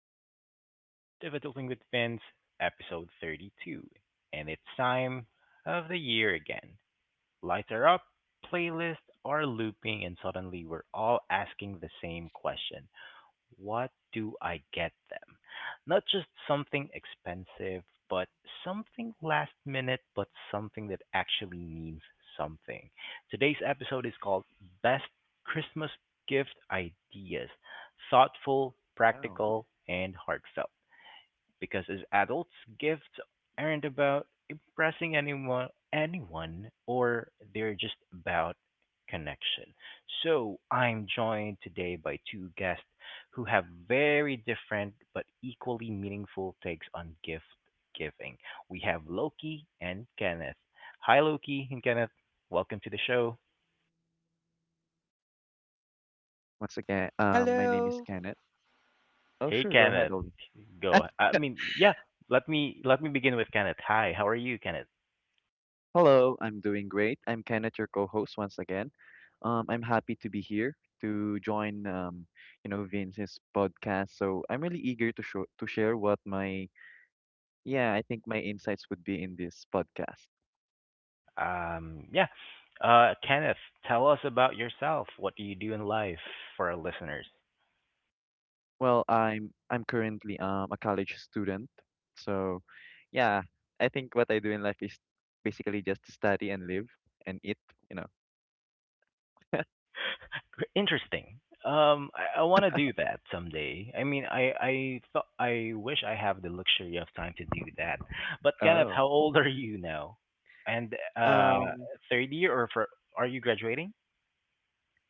Welcome back to The Art of Adulting with Vince, episode 32. And it's time of the year again. Lighter up, playlists are looping and suddenly we're all asking the same question. What do I get them? Not just something expensive, but something last minute, but something that actually means something. Today's episode is called Best Christmas Gift Ideas. Thoughtful, Oh, practical, and heartfelt. Because as adults, gifts aren't about impressing anyone or they're just about connection. So, I'm joined today by two guests who have very different but equally meaningful takes on gift giving. We have Loki and Kenneth. Hi Loki and Kenneth. Welcome to the show. once again, my name is Hello, Kenneth. Oh, Hey sure, go ahead, Kenneth. Ollie. Go. I mean, yeah, let me begin with Kenneth. Hi, how are you, Kenneth? Hello, I'm doing great. I'm Kenneth, your co-host once again. I'm happy to be here to join, you know, Vince's podcast. So I'm really eager to show to share what my, yeah, I think my insights would be in this podcast. Um, yeah. Kenneth, tell us about yourself. What do you do in life for our listeners? Well, I'm currently a college student, so yeah, I think what I do in life is basically just study and live and eat, you know. Interesting. I want to do that someday. I mean, I thought I wish I have the luxury of time to do that. But Kenneth, Oh. how old are you now? And Um. third year or for are you graduating?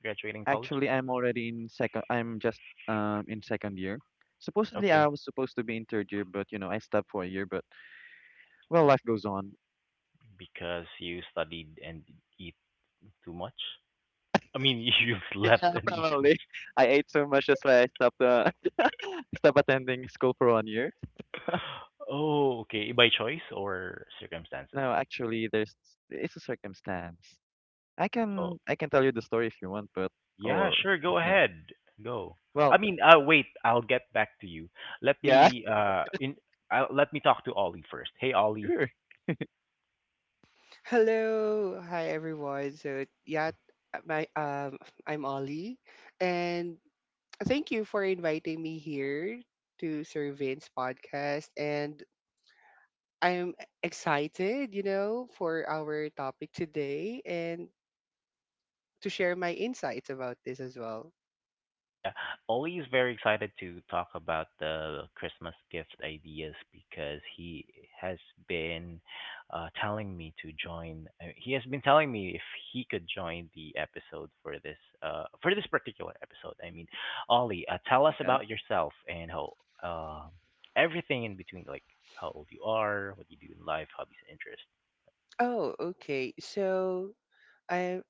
Graduating college? Actually, I'm already in second. I'm just in second year. Supposedly, I Okay, was supposed to be in third year, but you know, I stopped for a year. But well, life goes on. because you studied and eat too much. I mean, you slept Yeah, and eat too. probably. I ate so much, that's why I stopped. Stopped attending school for one year. Oh, okay. By choice or circumstances? No, actually, there's it's a circumstance. I Oh, can I can tell you the story if you want, but yeah, or sure. Go you know, ahead. Go. I well, mean, wait. I'll get back to you. Let yeah, me in. Let me talk to Ollie first. Hey, Ollie. sure, hello, hi everyone. So yeah, my I'm Ollie, and thank you for inviting me here to Servin's podcast. And I'm excited for our topic today and to share my insights about this as well. Yeah, Ollie is very excited to talk about the Christmas gift ideas because he has been telling me to join. He has been telling me if he could join the episode for this particular episode. I mean, Ollie, tell us yeah. about yourself and how uh, everything in between, like how old you are, what you do in life, hobbies and interests. Oh, okay. So I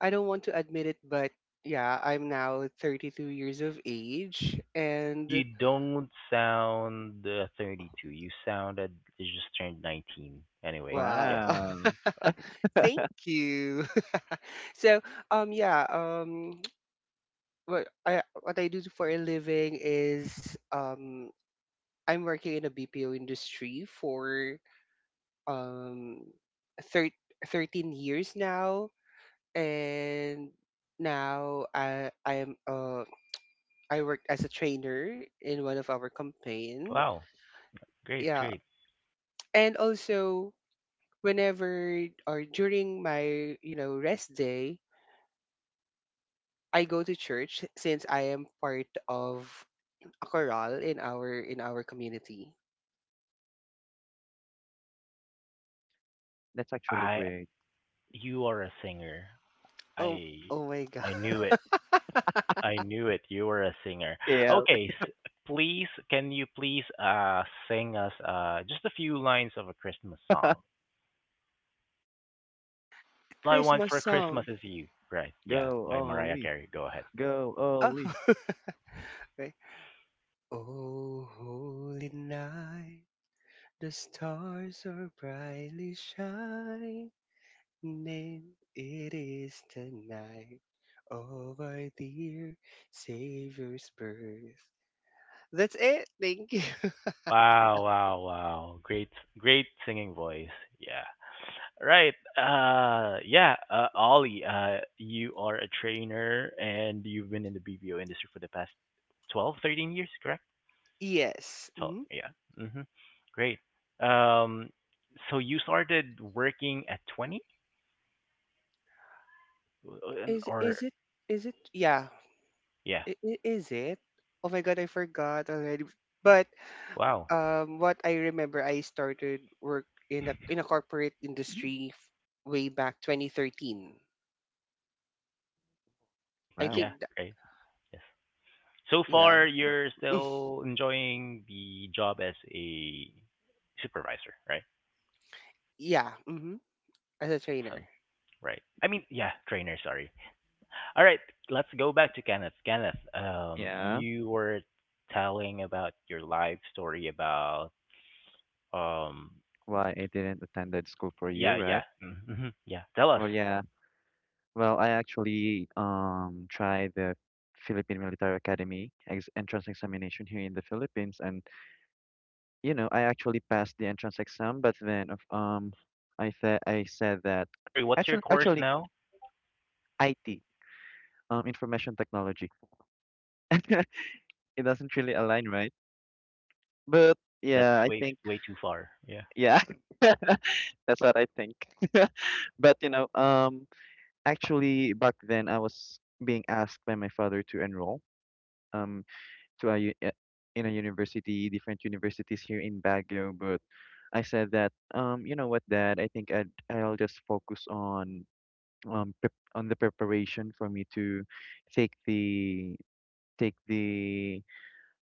I don't want to admit it, but yeah, I'm now 32 years of age, and You don't sound 32. You just turned 19. Anyway, Wow. yeah. Wow, Thank you. So, yeah, what I do for a living is I'm working in a BPO industry for um thir 13 years now, and now I work as a trainer in one of our campaign. Wow, great, Yeah. great. And also whenever or during my rest day, I go to church since I am part of a chorale in our community. that's actually I great. You are a singer. Oh I oh my God. I knew it. I knew it. You are a singer. Yeah, Okay, please can you please sing us just a few lines of a Christmas song? All I want Christmas for Christmas song. is you. Right. Yeah, go by Mariah Oli, Carey. Go ahead. go Oh. Oli. Okay. Oh holy night, the stars are brightly shining. It is the night of our dear Savior's birth. That's it. Thank you. Wow, wow, wow. Great singing voice. Yeah. Right. Yeah. Ollie, you are a trainer and you've been in the BPO industry for the past 12, 13 years, correct? Yes. 12. Mm? Yeah. Mm-hmm. Great. Um, so you started working at 20 Is is or it is it? Yeah. yeah. Is it? Oh my God, I forgot already. But Wow. What I remember, I started work in a corporate industry way back 2013. Okay. I Wow. Yeah. think, that, Great. Yes. So yeah, far, you're still enjoying the job as a supervisor, right? yeah, as a trainer. Awesome. Right. I mean, yeah, trainer, sorry. All right, let's go back to Kenneth. Kenneth, Yeah. you were telling about your life story about um, Why I didn't attend that school for a year, yeah, yeah, right? mm-hmm, yeah. Tell us. Well, yeah. Well, I actually tried the Philippine Military Academy ex entrance examination here in the Philippines, and you know I actually passed the entrance exam, but then of I said that Sorry, what's your actually course actually now? IT, information technology, it doesn't really align, right? But Yeah, yeah, that's I way think way too far. Yeah. yeah, that's what I think. But you know, actually, back then I was being asked by my father to enroll, um to a u- eh, in a university, different universities here in Baguio, but I said that, you know what, Dad, I think I'll just focus on prep on the preparation for me to take the take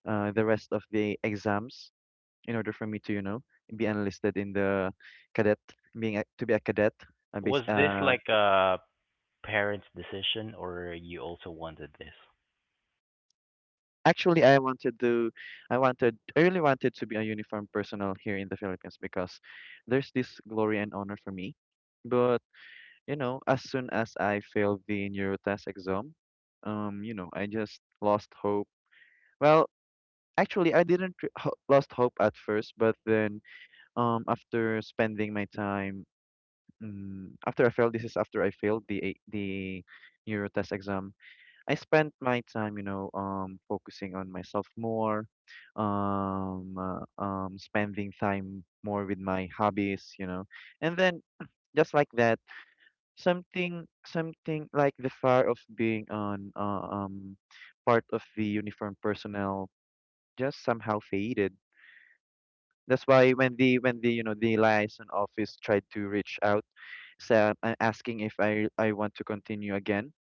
the rest of the exams in order for me to, you know, be enlisted in the cadet, to be a cadet, uh, base, Was this uh like a parent's decision, or you also wanted this, Actually, I wanted, I really wanted to be a uniform personnel here in the Philippines because there's this glory and honor for me. But, you know, as soon as I failed the neurotest exam, you know, I just lost hope. Well, actually, I didn't re- ho lost hope at first, but then, after spending my time, after I failed, this is after I failed the neurotest exam. I spent my time, you know, focusing on myself more, spending time more with my hobbies, you know, and then just like that, something like the fire of being on, part of the uniform personnel just somehow faded. That's why when the, you know, the liaison office tried to reach out, asking if I want to continue again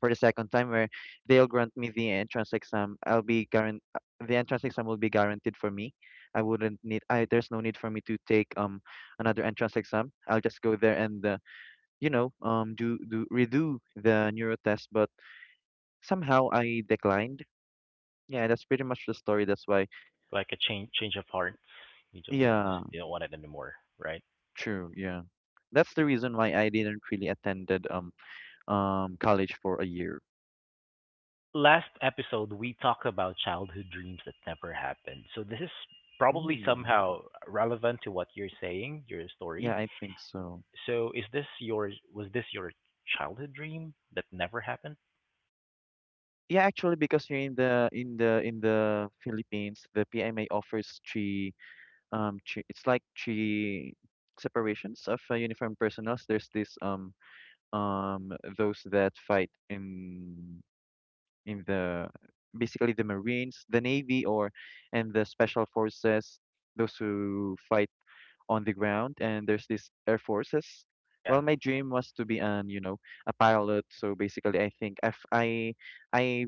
for the second time where they'll grant me the entrance exam. The entrance exam will be guaranteed for me. I wouldn't need I There's no need for me to take another entrance exam. I'll just go there and, you know, do do redo the neuro test, but somehow I declined. Yeah, that's pretty much the story. That's why. like a change of heart? You don't want, just Yeah, you don't want it anymore, right? true. Yeah. That's the reason why I didn't really attended college for a year. Last episode we talked about childhood dreams that never happened. So this is probably Oh, somehow relevant to what you're saying, your yeah, story. I think so. So is this your was this your childhood dream that never happened? Yeah, actually, because you're in the in the Philippines, the PMA offers three, it's like three separations of, uniformed personnel. There's this, um those that fight in the basically the Marines, the Navy, or and the Special Forces, those who fight on the ground, and there's this Air Forces. Yeah. Well, my dream was to be an, you know, a pilot. So basically, I think if I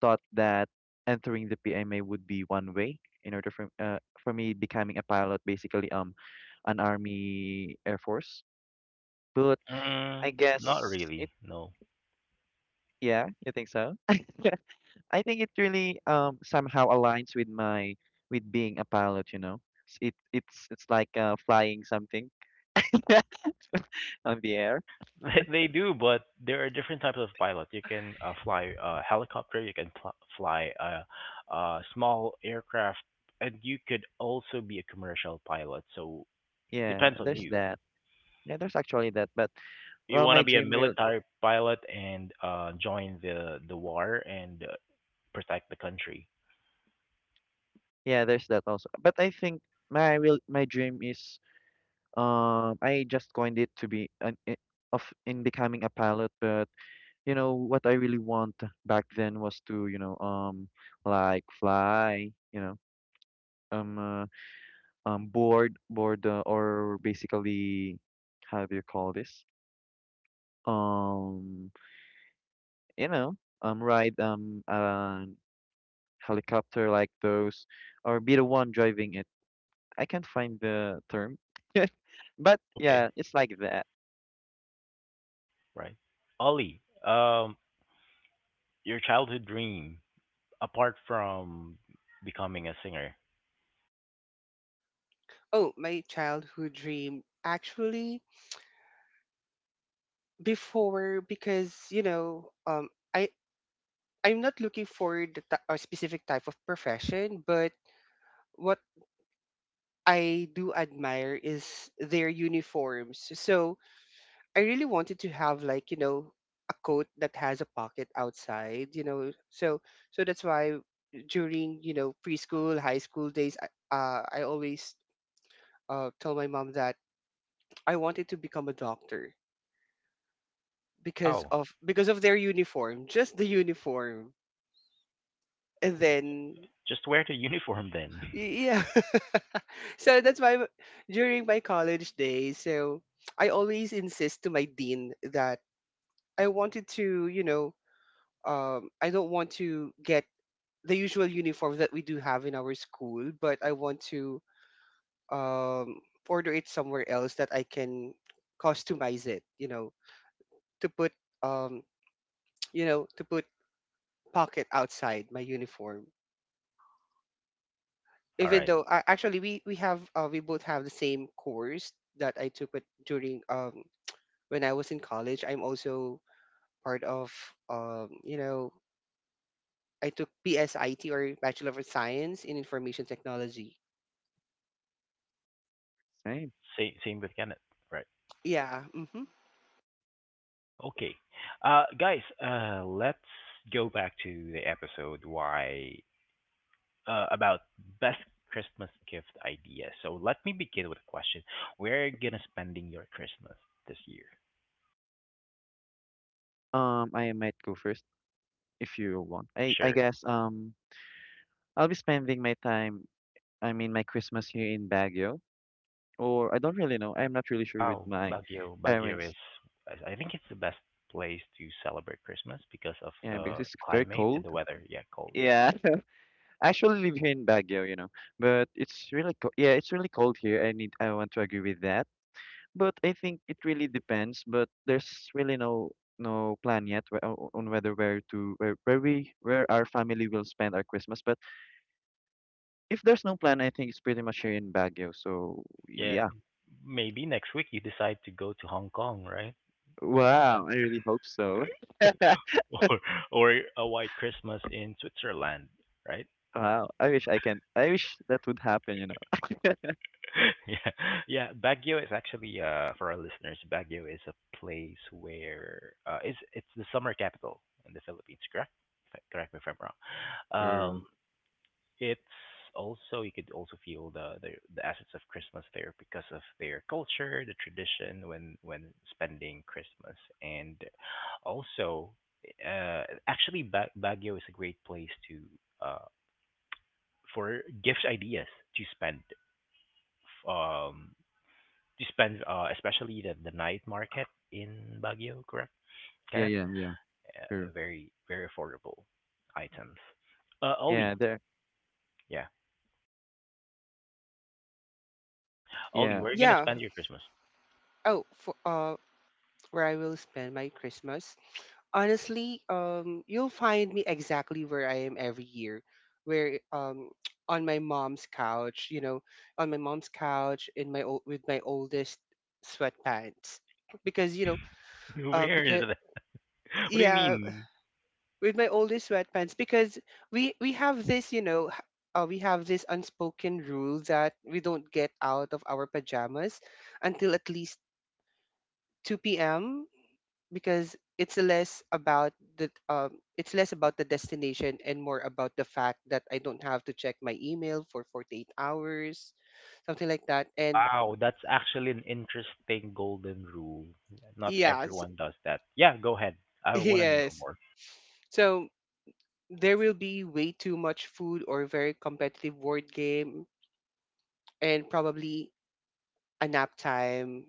thought that entering the PMA would be one way in order for, for me becoming a pilot, basically an army air force. But I Mm, not guess it, really. No. yeah, you think so? I think it really somehow aligns with my with being a pilot, you know. It, it's like, flying something on the air. They do, but there are different types of pilot. You can fly a helicopter, you can fly a small aircraft, and you could also be a commercial pilot. So Yeah, depends on there's you. that. Yeah, there's actually that. But You well, want my to be a dream real, military pilot and join the war and protect the country. yeah, there's that also. But I think my real my dream is, I just coined it to be an I- of in becoming a pilot, but you know what I really want back then was to, you know, like fly, you know, um uh, board board or basically, how do you call this, um you know, ride an helicopter like those or be the one driving it. I can't find the term, but yeah, Okay, it's like that. right. Ollie, your childhood dream apart from becoming a singer. Oh, my childhood dream actually before, because I I'm not looking for the a specific type of profession, but what I do admire is their uniforms. So I really wanted to have like a coat that has a pocket outside. So that's why during, preschool, high school days, I always tell my mom that I wanted to become a doctor because Wow, of their uniform, just the uniform. And then just wear the uniform then. Yeah. So that's why during my college days, so I always insist to my dean that I wanted to, you know, I don't want to get the usual uniform that we do have in our school, but I want to um, order it somewhere else that I can customize it. To put um, you know, to put pocket outside my uniform. All Even right. though actually we both have the same course that I took it during when I was in college. I'm also part of you know I took BSIT or Bachelor of Science in Information Technology. Same. Same with Kenneth. Right. Yeah. Okay. Guys, let's go back to the episode. Why about best Christmas gift ideas. So let me begin with a question. Where are you gonna spending your Christmas this year? I might go first if you want. I Sure. guess I'll be spending my time, I mean my Christmas here in Baguio, or I don't really know. I'm not really sure with Wow, my Baguio. Baguio, parents. I think it's the best place to celebrate Christmas because of Yeah, because the it's very climate and cold. the weather. Yeah, cold. Yeah. Yeah, I actually live here in Baguio, you know, but it's really co yeah, it's really cold here. I want to agree with that, but I think it really depends. But there's really no no plan yet on whether where we, where our family will spend our Christmas. But if there's no plan, I think it's pretty much here in Baguio. So Yeah. yeah. Maybe next week you decide to go to Hong Kong, right? Spend Wow, I really hope so. or or a white Christmas in Switzerland, right? Wow, I wish I can. I wish that would happen, you know. Yeah, yeah. Baguio is actually for our listeners, Baguio is a place where it's the summer capital in the Philippines, correct? If I- Correct me if I'm wrong. True. Um, it's also you could also feel the assets of Christmas there because of their culture, the tradition when spending Christmas, and also Baguio is a great place to uh for gift ideas to spend, um especially the night market in Baguio, correct? Yeah, Kenneth? yeah, yeah. Uh, True. very very affordable items. Ollie, Yeah, there. yeah, Ollie, Yeah, where are you gonna Yeah. spend your Christmas? Oh, for, where I will spend my Christmas. Honestly, you'll find me exactly where I am every year, where on my mom's couch, in my old with my oldest sweatpants, because you know, uh, Where is because it? What do you yeah, mean? with my oldest sweatpants because we have this, you know. H- we have this unspoken rule that we don't get out of our pajamas until at least 2 p.m., because it's less about the destination and more about the fact that I don't have to check my email for 48 hours, something like that. And Wow, that's actually an interesting golden rule. Not yes, everyone does that. Yeah, go ahead. I want to know yes. more. So there will be way too much food or very competitive board game, and probably a nap time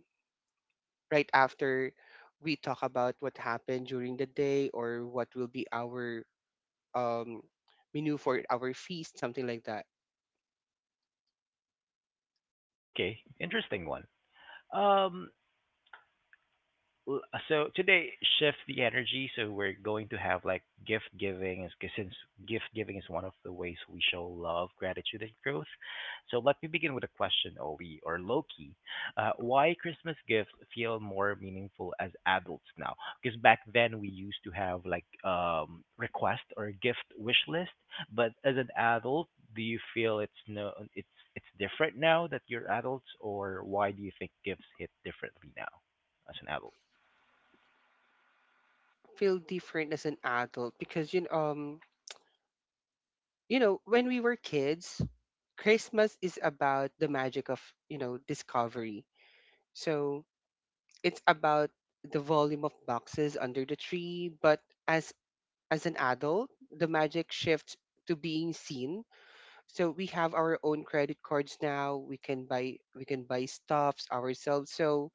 right after we talk about what happened during the day or what will be our um menu for our feast, something like that. Okay, interesting one. Um, L- So today, shift the energy. So we're going to have like gift giving, is 'cause since gift giving is one of the ways we show love, gratitude, and growth. So let me begin with a question, Obi or Loki. Why Christmas gifts feel more meaningful as adults now? Because back then we used to have like request or gift wish list, but as an adult, do you feel it's no it's different now that you're adults, or why do you think gifts hit differently now as an adult? Feel different as an adult, because when we were kids, Christmas is about the magic of discovery. So it's about the volume of boxes under the tree. But as as an adult, the magic shifts to being seen. So we have our own credit cards now. We can buy stuffs ourselves. So,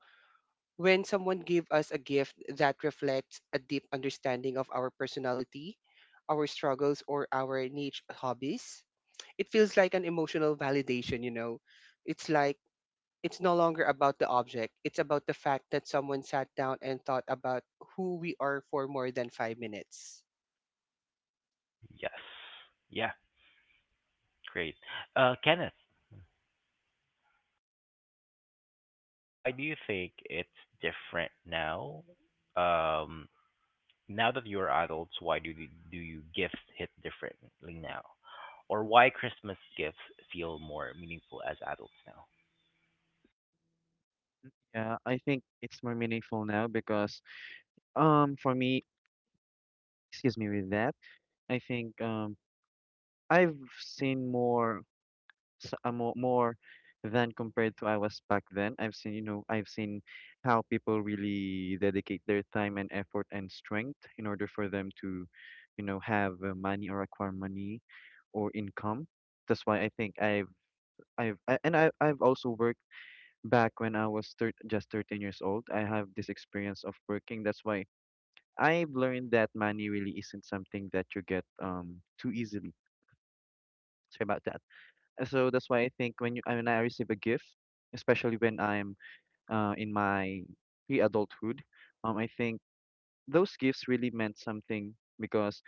when someone gives us a gift that reflects a deep understanding of our personality, our struggles, or our niche hobbies, it feels like an emotional validation. It's like it's no longer about the object, it's about the fact that someone sat down and thought about who we are for more than 5 minutes. Yes. Yeah, great. Kenneth, why do you think it's different now? Um, now that you're adults, why do you gifts hit differently now? Or why Christmas gifts feel more meaningful as adults now? yeah. I think it's more meaningful now because, for me, excuse me with that. I think I've seen more. More than compared to I was back then. I've seen, you know, I've seen how people really dedicate their time and effort and strength in order for them to, you know, have, money or acquire money or income. That's why I think and I've also worked back when I was just 13 years old. I have this experience of working. That's why I've learned that money really isn't something that you get too easily. Sorry about that. And so that's why I think when I receive a gift, especially when I'm, in my pre-adulthood, I think those gifts really meant something because,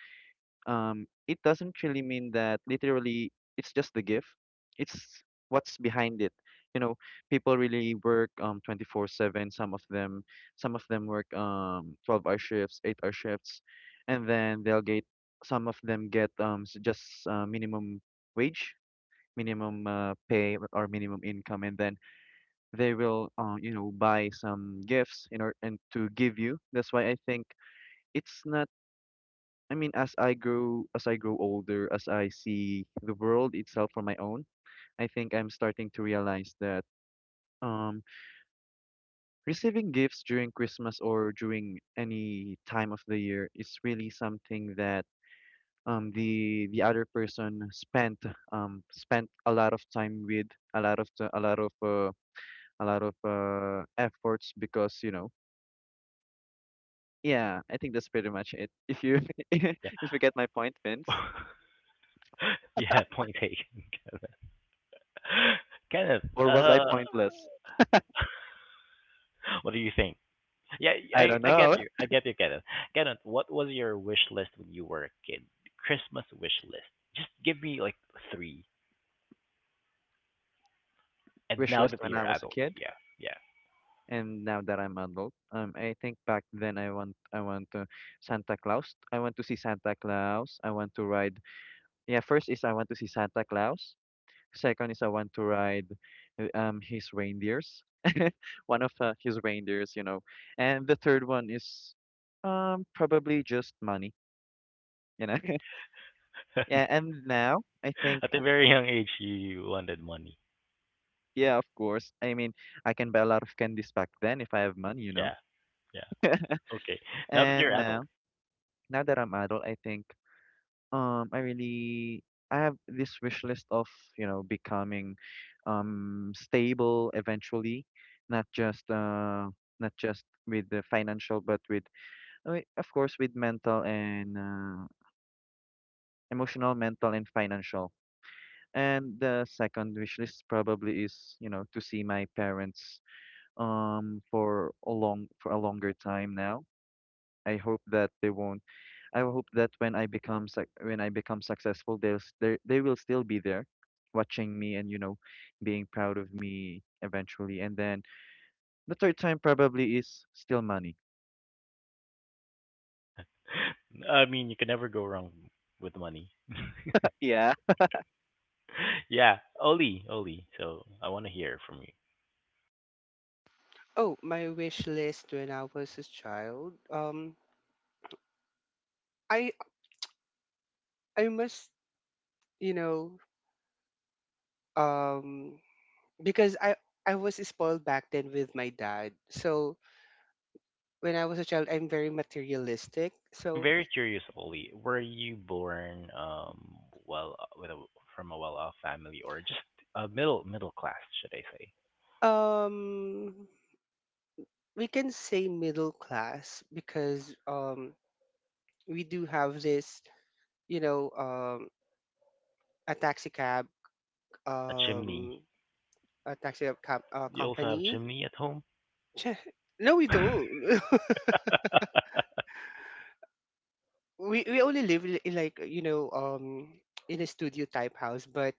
it doesn't really mean that literally it's just the gift. It's what's behind it. You know, people really work 24/7. Some of them work 12-hour shifts, 8-hour shifts, and then they'll get, some of them get, just, minimum wage, minimum, pay or minimum income, and then they will, you know, buy some gifts in order and to give you. That's why I think it's not. I mean, as I grow older, as I see the world itself for my own, I think I'm starting to realize that, um, receiving gifts during Christmas or during any time of the year is really something that, the other person spent, spent a lot of time with, a lot of a lot of, a lot of, efforts because you know, yeah, I think that's pretty much it if you, Yeah. if you get my point, Vince, yeah, point taken, Kenneth. Kenneth, or was I pointless? what do you think? Yeah, I I, don't I get know. you. I get you, Kenneth. Kenneth, what was your wish list when you were a kid? Christmas wish list. Just give me like three. And Wish now list that when you're I was a adults, kid yeah, yeah. and now that I'm adult. I think back then I want, I want to Santa Claus, I want to see Santa Claus I want to ride yeah, first is I want to see Santa Claus. Second is I want to ride, his reindeers, one of, his reindeers, you know. And the third one is, probably just money, you know. Yeah, and now I think, At a very young age, you wanted money. yeah, of course. I mean, I can buy a lot of candies back then if I have money, you know. Yeah, yeah. Okay. Now that you're And adult, now, now that I'm adult, I think I really, I have this wish list of, you know, becoming stable eventually, not just uh not just with the financial but with, I mean, of course with mental and, emotional, mental and financial. And the second wish list probably is, you know, to see my parents for a longer time now. I hope that they won't. I hope that when I become successful, they will still be there, watching me and, you know, being proud of me eventually. And then the third time probably is still money. I mean, you can never go wrong with money. Yeah. yeah, Oli, Oli. So I want to hear from you. Oh, my wish list when I was a child. I I must, you know, um, because I was spoiled back then with my dad. So when I was a child, I'm very materialistic. I'm So, very curious, Oli. Were you born well with a from a well-off family or just a middle class, should I say? um, we can say middle class because we do have this, you know, um, a taxi cab, A chimney. um, You also have company. chimney at home? Ch- No, we don't. We only live li- in like you know in a studio type house, but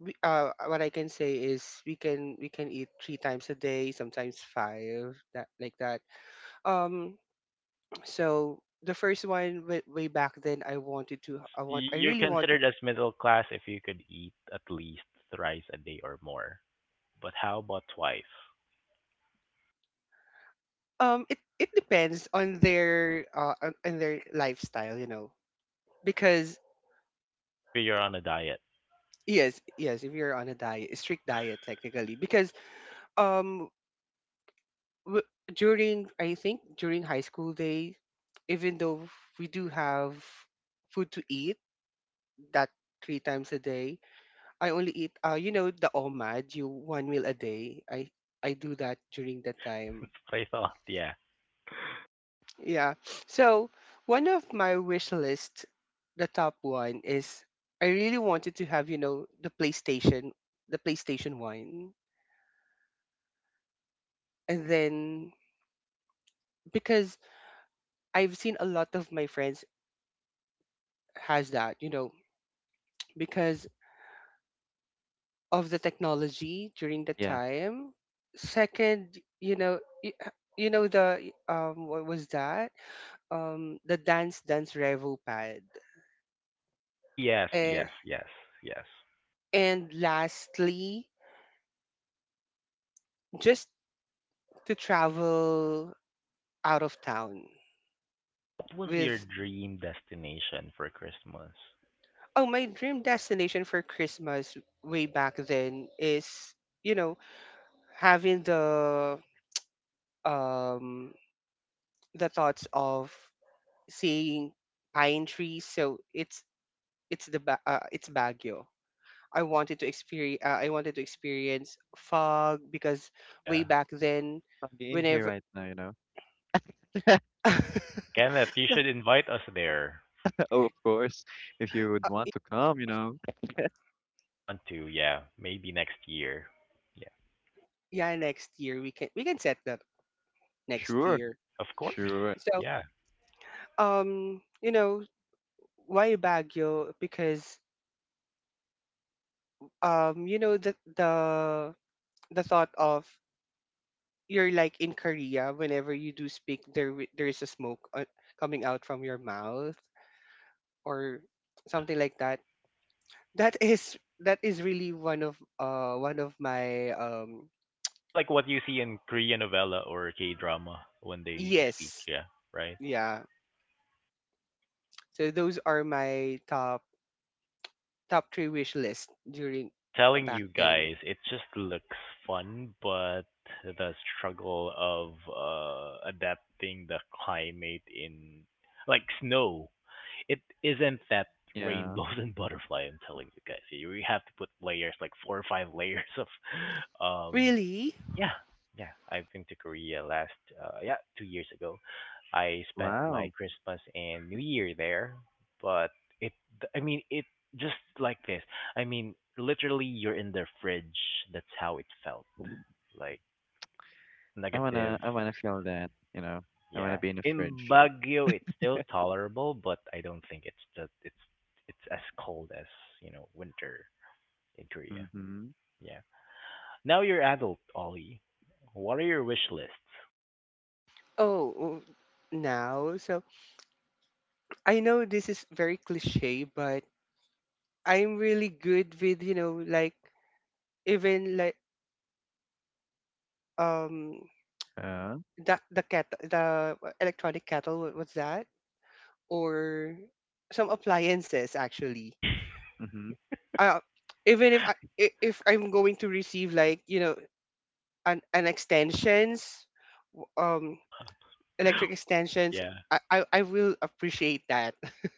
we, what I can say is we can eat three times a day, sometimes five, that like that. Um, So the first one way, way back then, I wanted to, I want, I You're really want. considered as middle class if you could eat at least thrice a day or more. But how about twice? It depends on their lifestyle, because Depends if you're on a diet. yes, yes, if you're on a diet, a strict diet technically, because um w- during I think during high school day, even though we do have food to eat that three times a day, I only eat the OMAD, you one meal a day. I do that during that time That's what I thought. Yeah. Yeah. So one of my wish list, the top one is I really wanted to have the PlayStation, the PlayStation 1. And then because I've seen a lot of my friends has that because of the technology during the Yeah, time. Second, y- the what was that? The Dance Dance Revo pad. Oh yes, Uh, yes, yes, yes. and lastly, just to travel out of town What was your with dream destination for Christmas? oh my dream destination for Christmas, way back then, is you know having um the thoughts of seeing pine trees, so it's Baguio. I wanted to experience fog because way Yeah. back then, I'll be in here whenever. right now, you know. Kenneth, you should invite us there. Oh, of course, if you would want to come, you know. I want to, yeah. Maybe next year. Yeah. Yeah, next year we can set that, next Sure, year. Of course. sure. So Yeah. um you know why Baguio? Because um you know the the the thought of, you're like in Korea, whenever you do speak there, there is a smoke coming out from your mouth, or Yeah. something like that. That is really one of one of my Just like what you see in Korean novella or K drama when they speak, yes. yeah, right? Yeah. So those are my top three wish list during, I'm telling back you then. guys, it just looks fun, but the struggle of adapting the climate in like snow, it isn't that Yeah. rainbows and butterfly. I'm telling you guys, you have to put layers like four or five layers of um Really. yeah, yeah. I've been to Korea last, yeah, 2 years ago. I spent my Wow. Christmas and New Year there, but it, I mean, it just like this. I mean, literally, you're in the fridge. That's how it felt. Like negative, I wanna feel that, you know. I wanna yeah. be in the In fridge. Baguio, it's still tolerable, but I don't think it's as cold as winter in Korea. Mm-hmm. Yeah. Now you're adult, Ollie. What are your wish lists? Oh, now, so I know this is very cliche, but I'm really good with, you know, like even like um Uh, the electronic kettle, what's that? Or some appliances actually. mm-hmm. Uh, Even if I'm going to receive like, an, an extensions, w- um What? electric extensions, Yeah. I will appreciate that.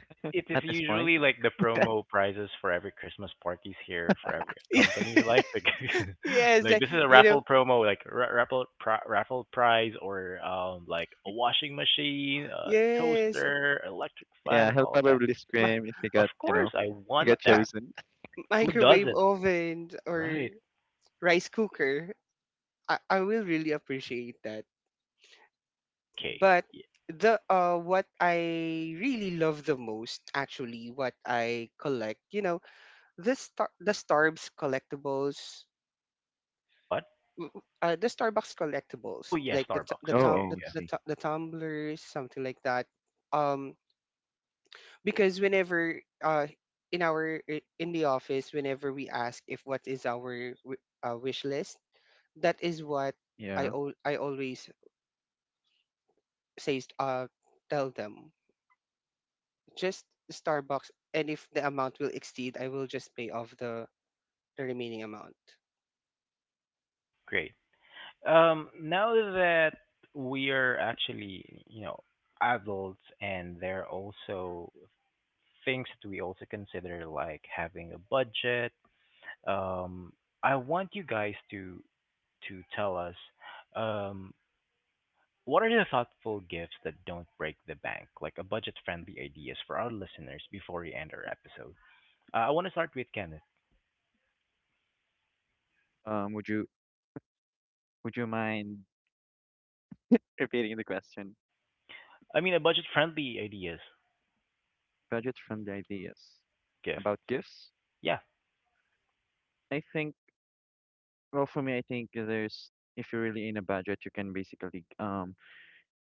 It is At this point. usually like the promo prizes for every Christmas parties here for every Yeah. company's Yes, like like this is a you know, raffle promo raffle prize or like a washing machine, a yes, toaster, electric fan, Yeah, and he'll all of that. probably my, scream if he Of got, you course, know, I he want got my that. chosen. Who microwave doesn't? oven or Right. rice cooker. I will really appreciate that. Okay. But Yeah. the what I really love the most actually, what I collect, the star the Starbucks collectibles, What? Oh yeah, the tu- the Oh, Starbucks. tum- Okay. Oh, I Yeah. the, see. tu- the tumblers, something like that. Um, because whenever in the office, whenever we ask if what is our wish list, that is what I Yeah. al- I always says tell them, just Starbucks, and if the amount will exceed, I will just pay off the remaining amount. Great. Now that we are actually, adults and there are also things that we also consider like having a budget, um, I want you guys to tell us um, what are the thoughtful gifts that don't break the bank, like a budget-friendly ideas for our listeners before we end our episode. I want to start with Kenneth. Um, would you would you mind repeating the question? I mean, a budget-friendly ideas Budget-friendly ideas gift. about gifts? Yeah, I think. Well, for me, I think there's if you're really in a budget, you can basically,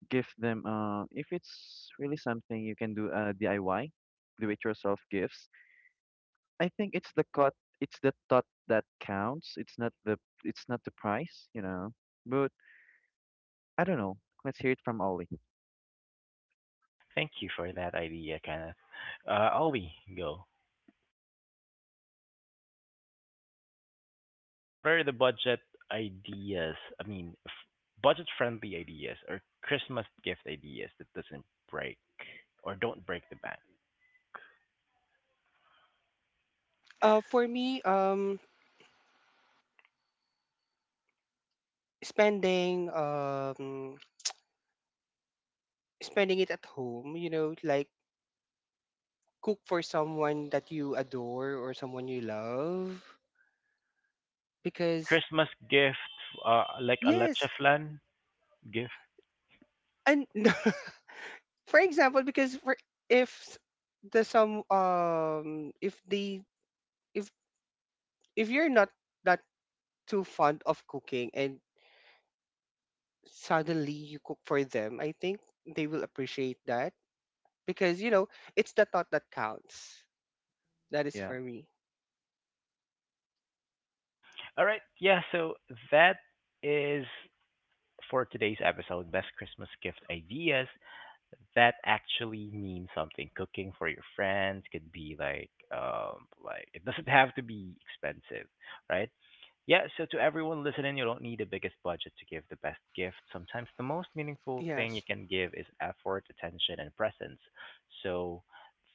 give them, if it's really something you can do, uh, DIY, do it yourself gifts. I think it's the thought that counts. It's not the price, you know. But I don't know. Let's hear it from Ollie. thank you for that idea, Kenneth. Ollie, go. What are the budget ideas? I mean, budget-friendly ideas or Christmas gift ideas that doesn't break or don't break the bank? For me, spending um spending it at home, like cook for someone that you adore or someone you love, A because Christmas gift, like a yes, leche flan gift. and for example, because for if s- the some if the if if you're not that too fond of cooking, and suddenly you cook for them, I think they will appreciate that, because it's the thought that counts. That is Yeah. for me. All right, yeah. So that is for today's episode, best Christmas gift ideas. That actually means something. Cooking for your friends could be like it doesn't have to be expensive, right? Yeah, so to everyone listening, you don't need the biggest budget to give the best gift. Sometimes the most meaningful thing you Yes. can give is effort, attention, and presence. So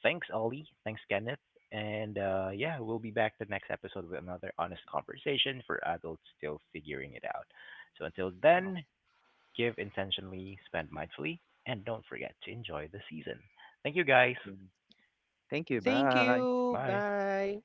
thanks, Ollie. Thanks, Kenneth. And yeah, we'll be back the next episode with another honest conversation for adults still figuring it out. So until Wow. then, give intentionally, spend mindfully, and don't forget to enjoy the season. Thank you guys. Yeah. Thank you. Thank Bye. you. Bye. Bye.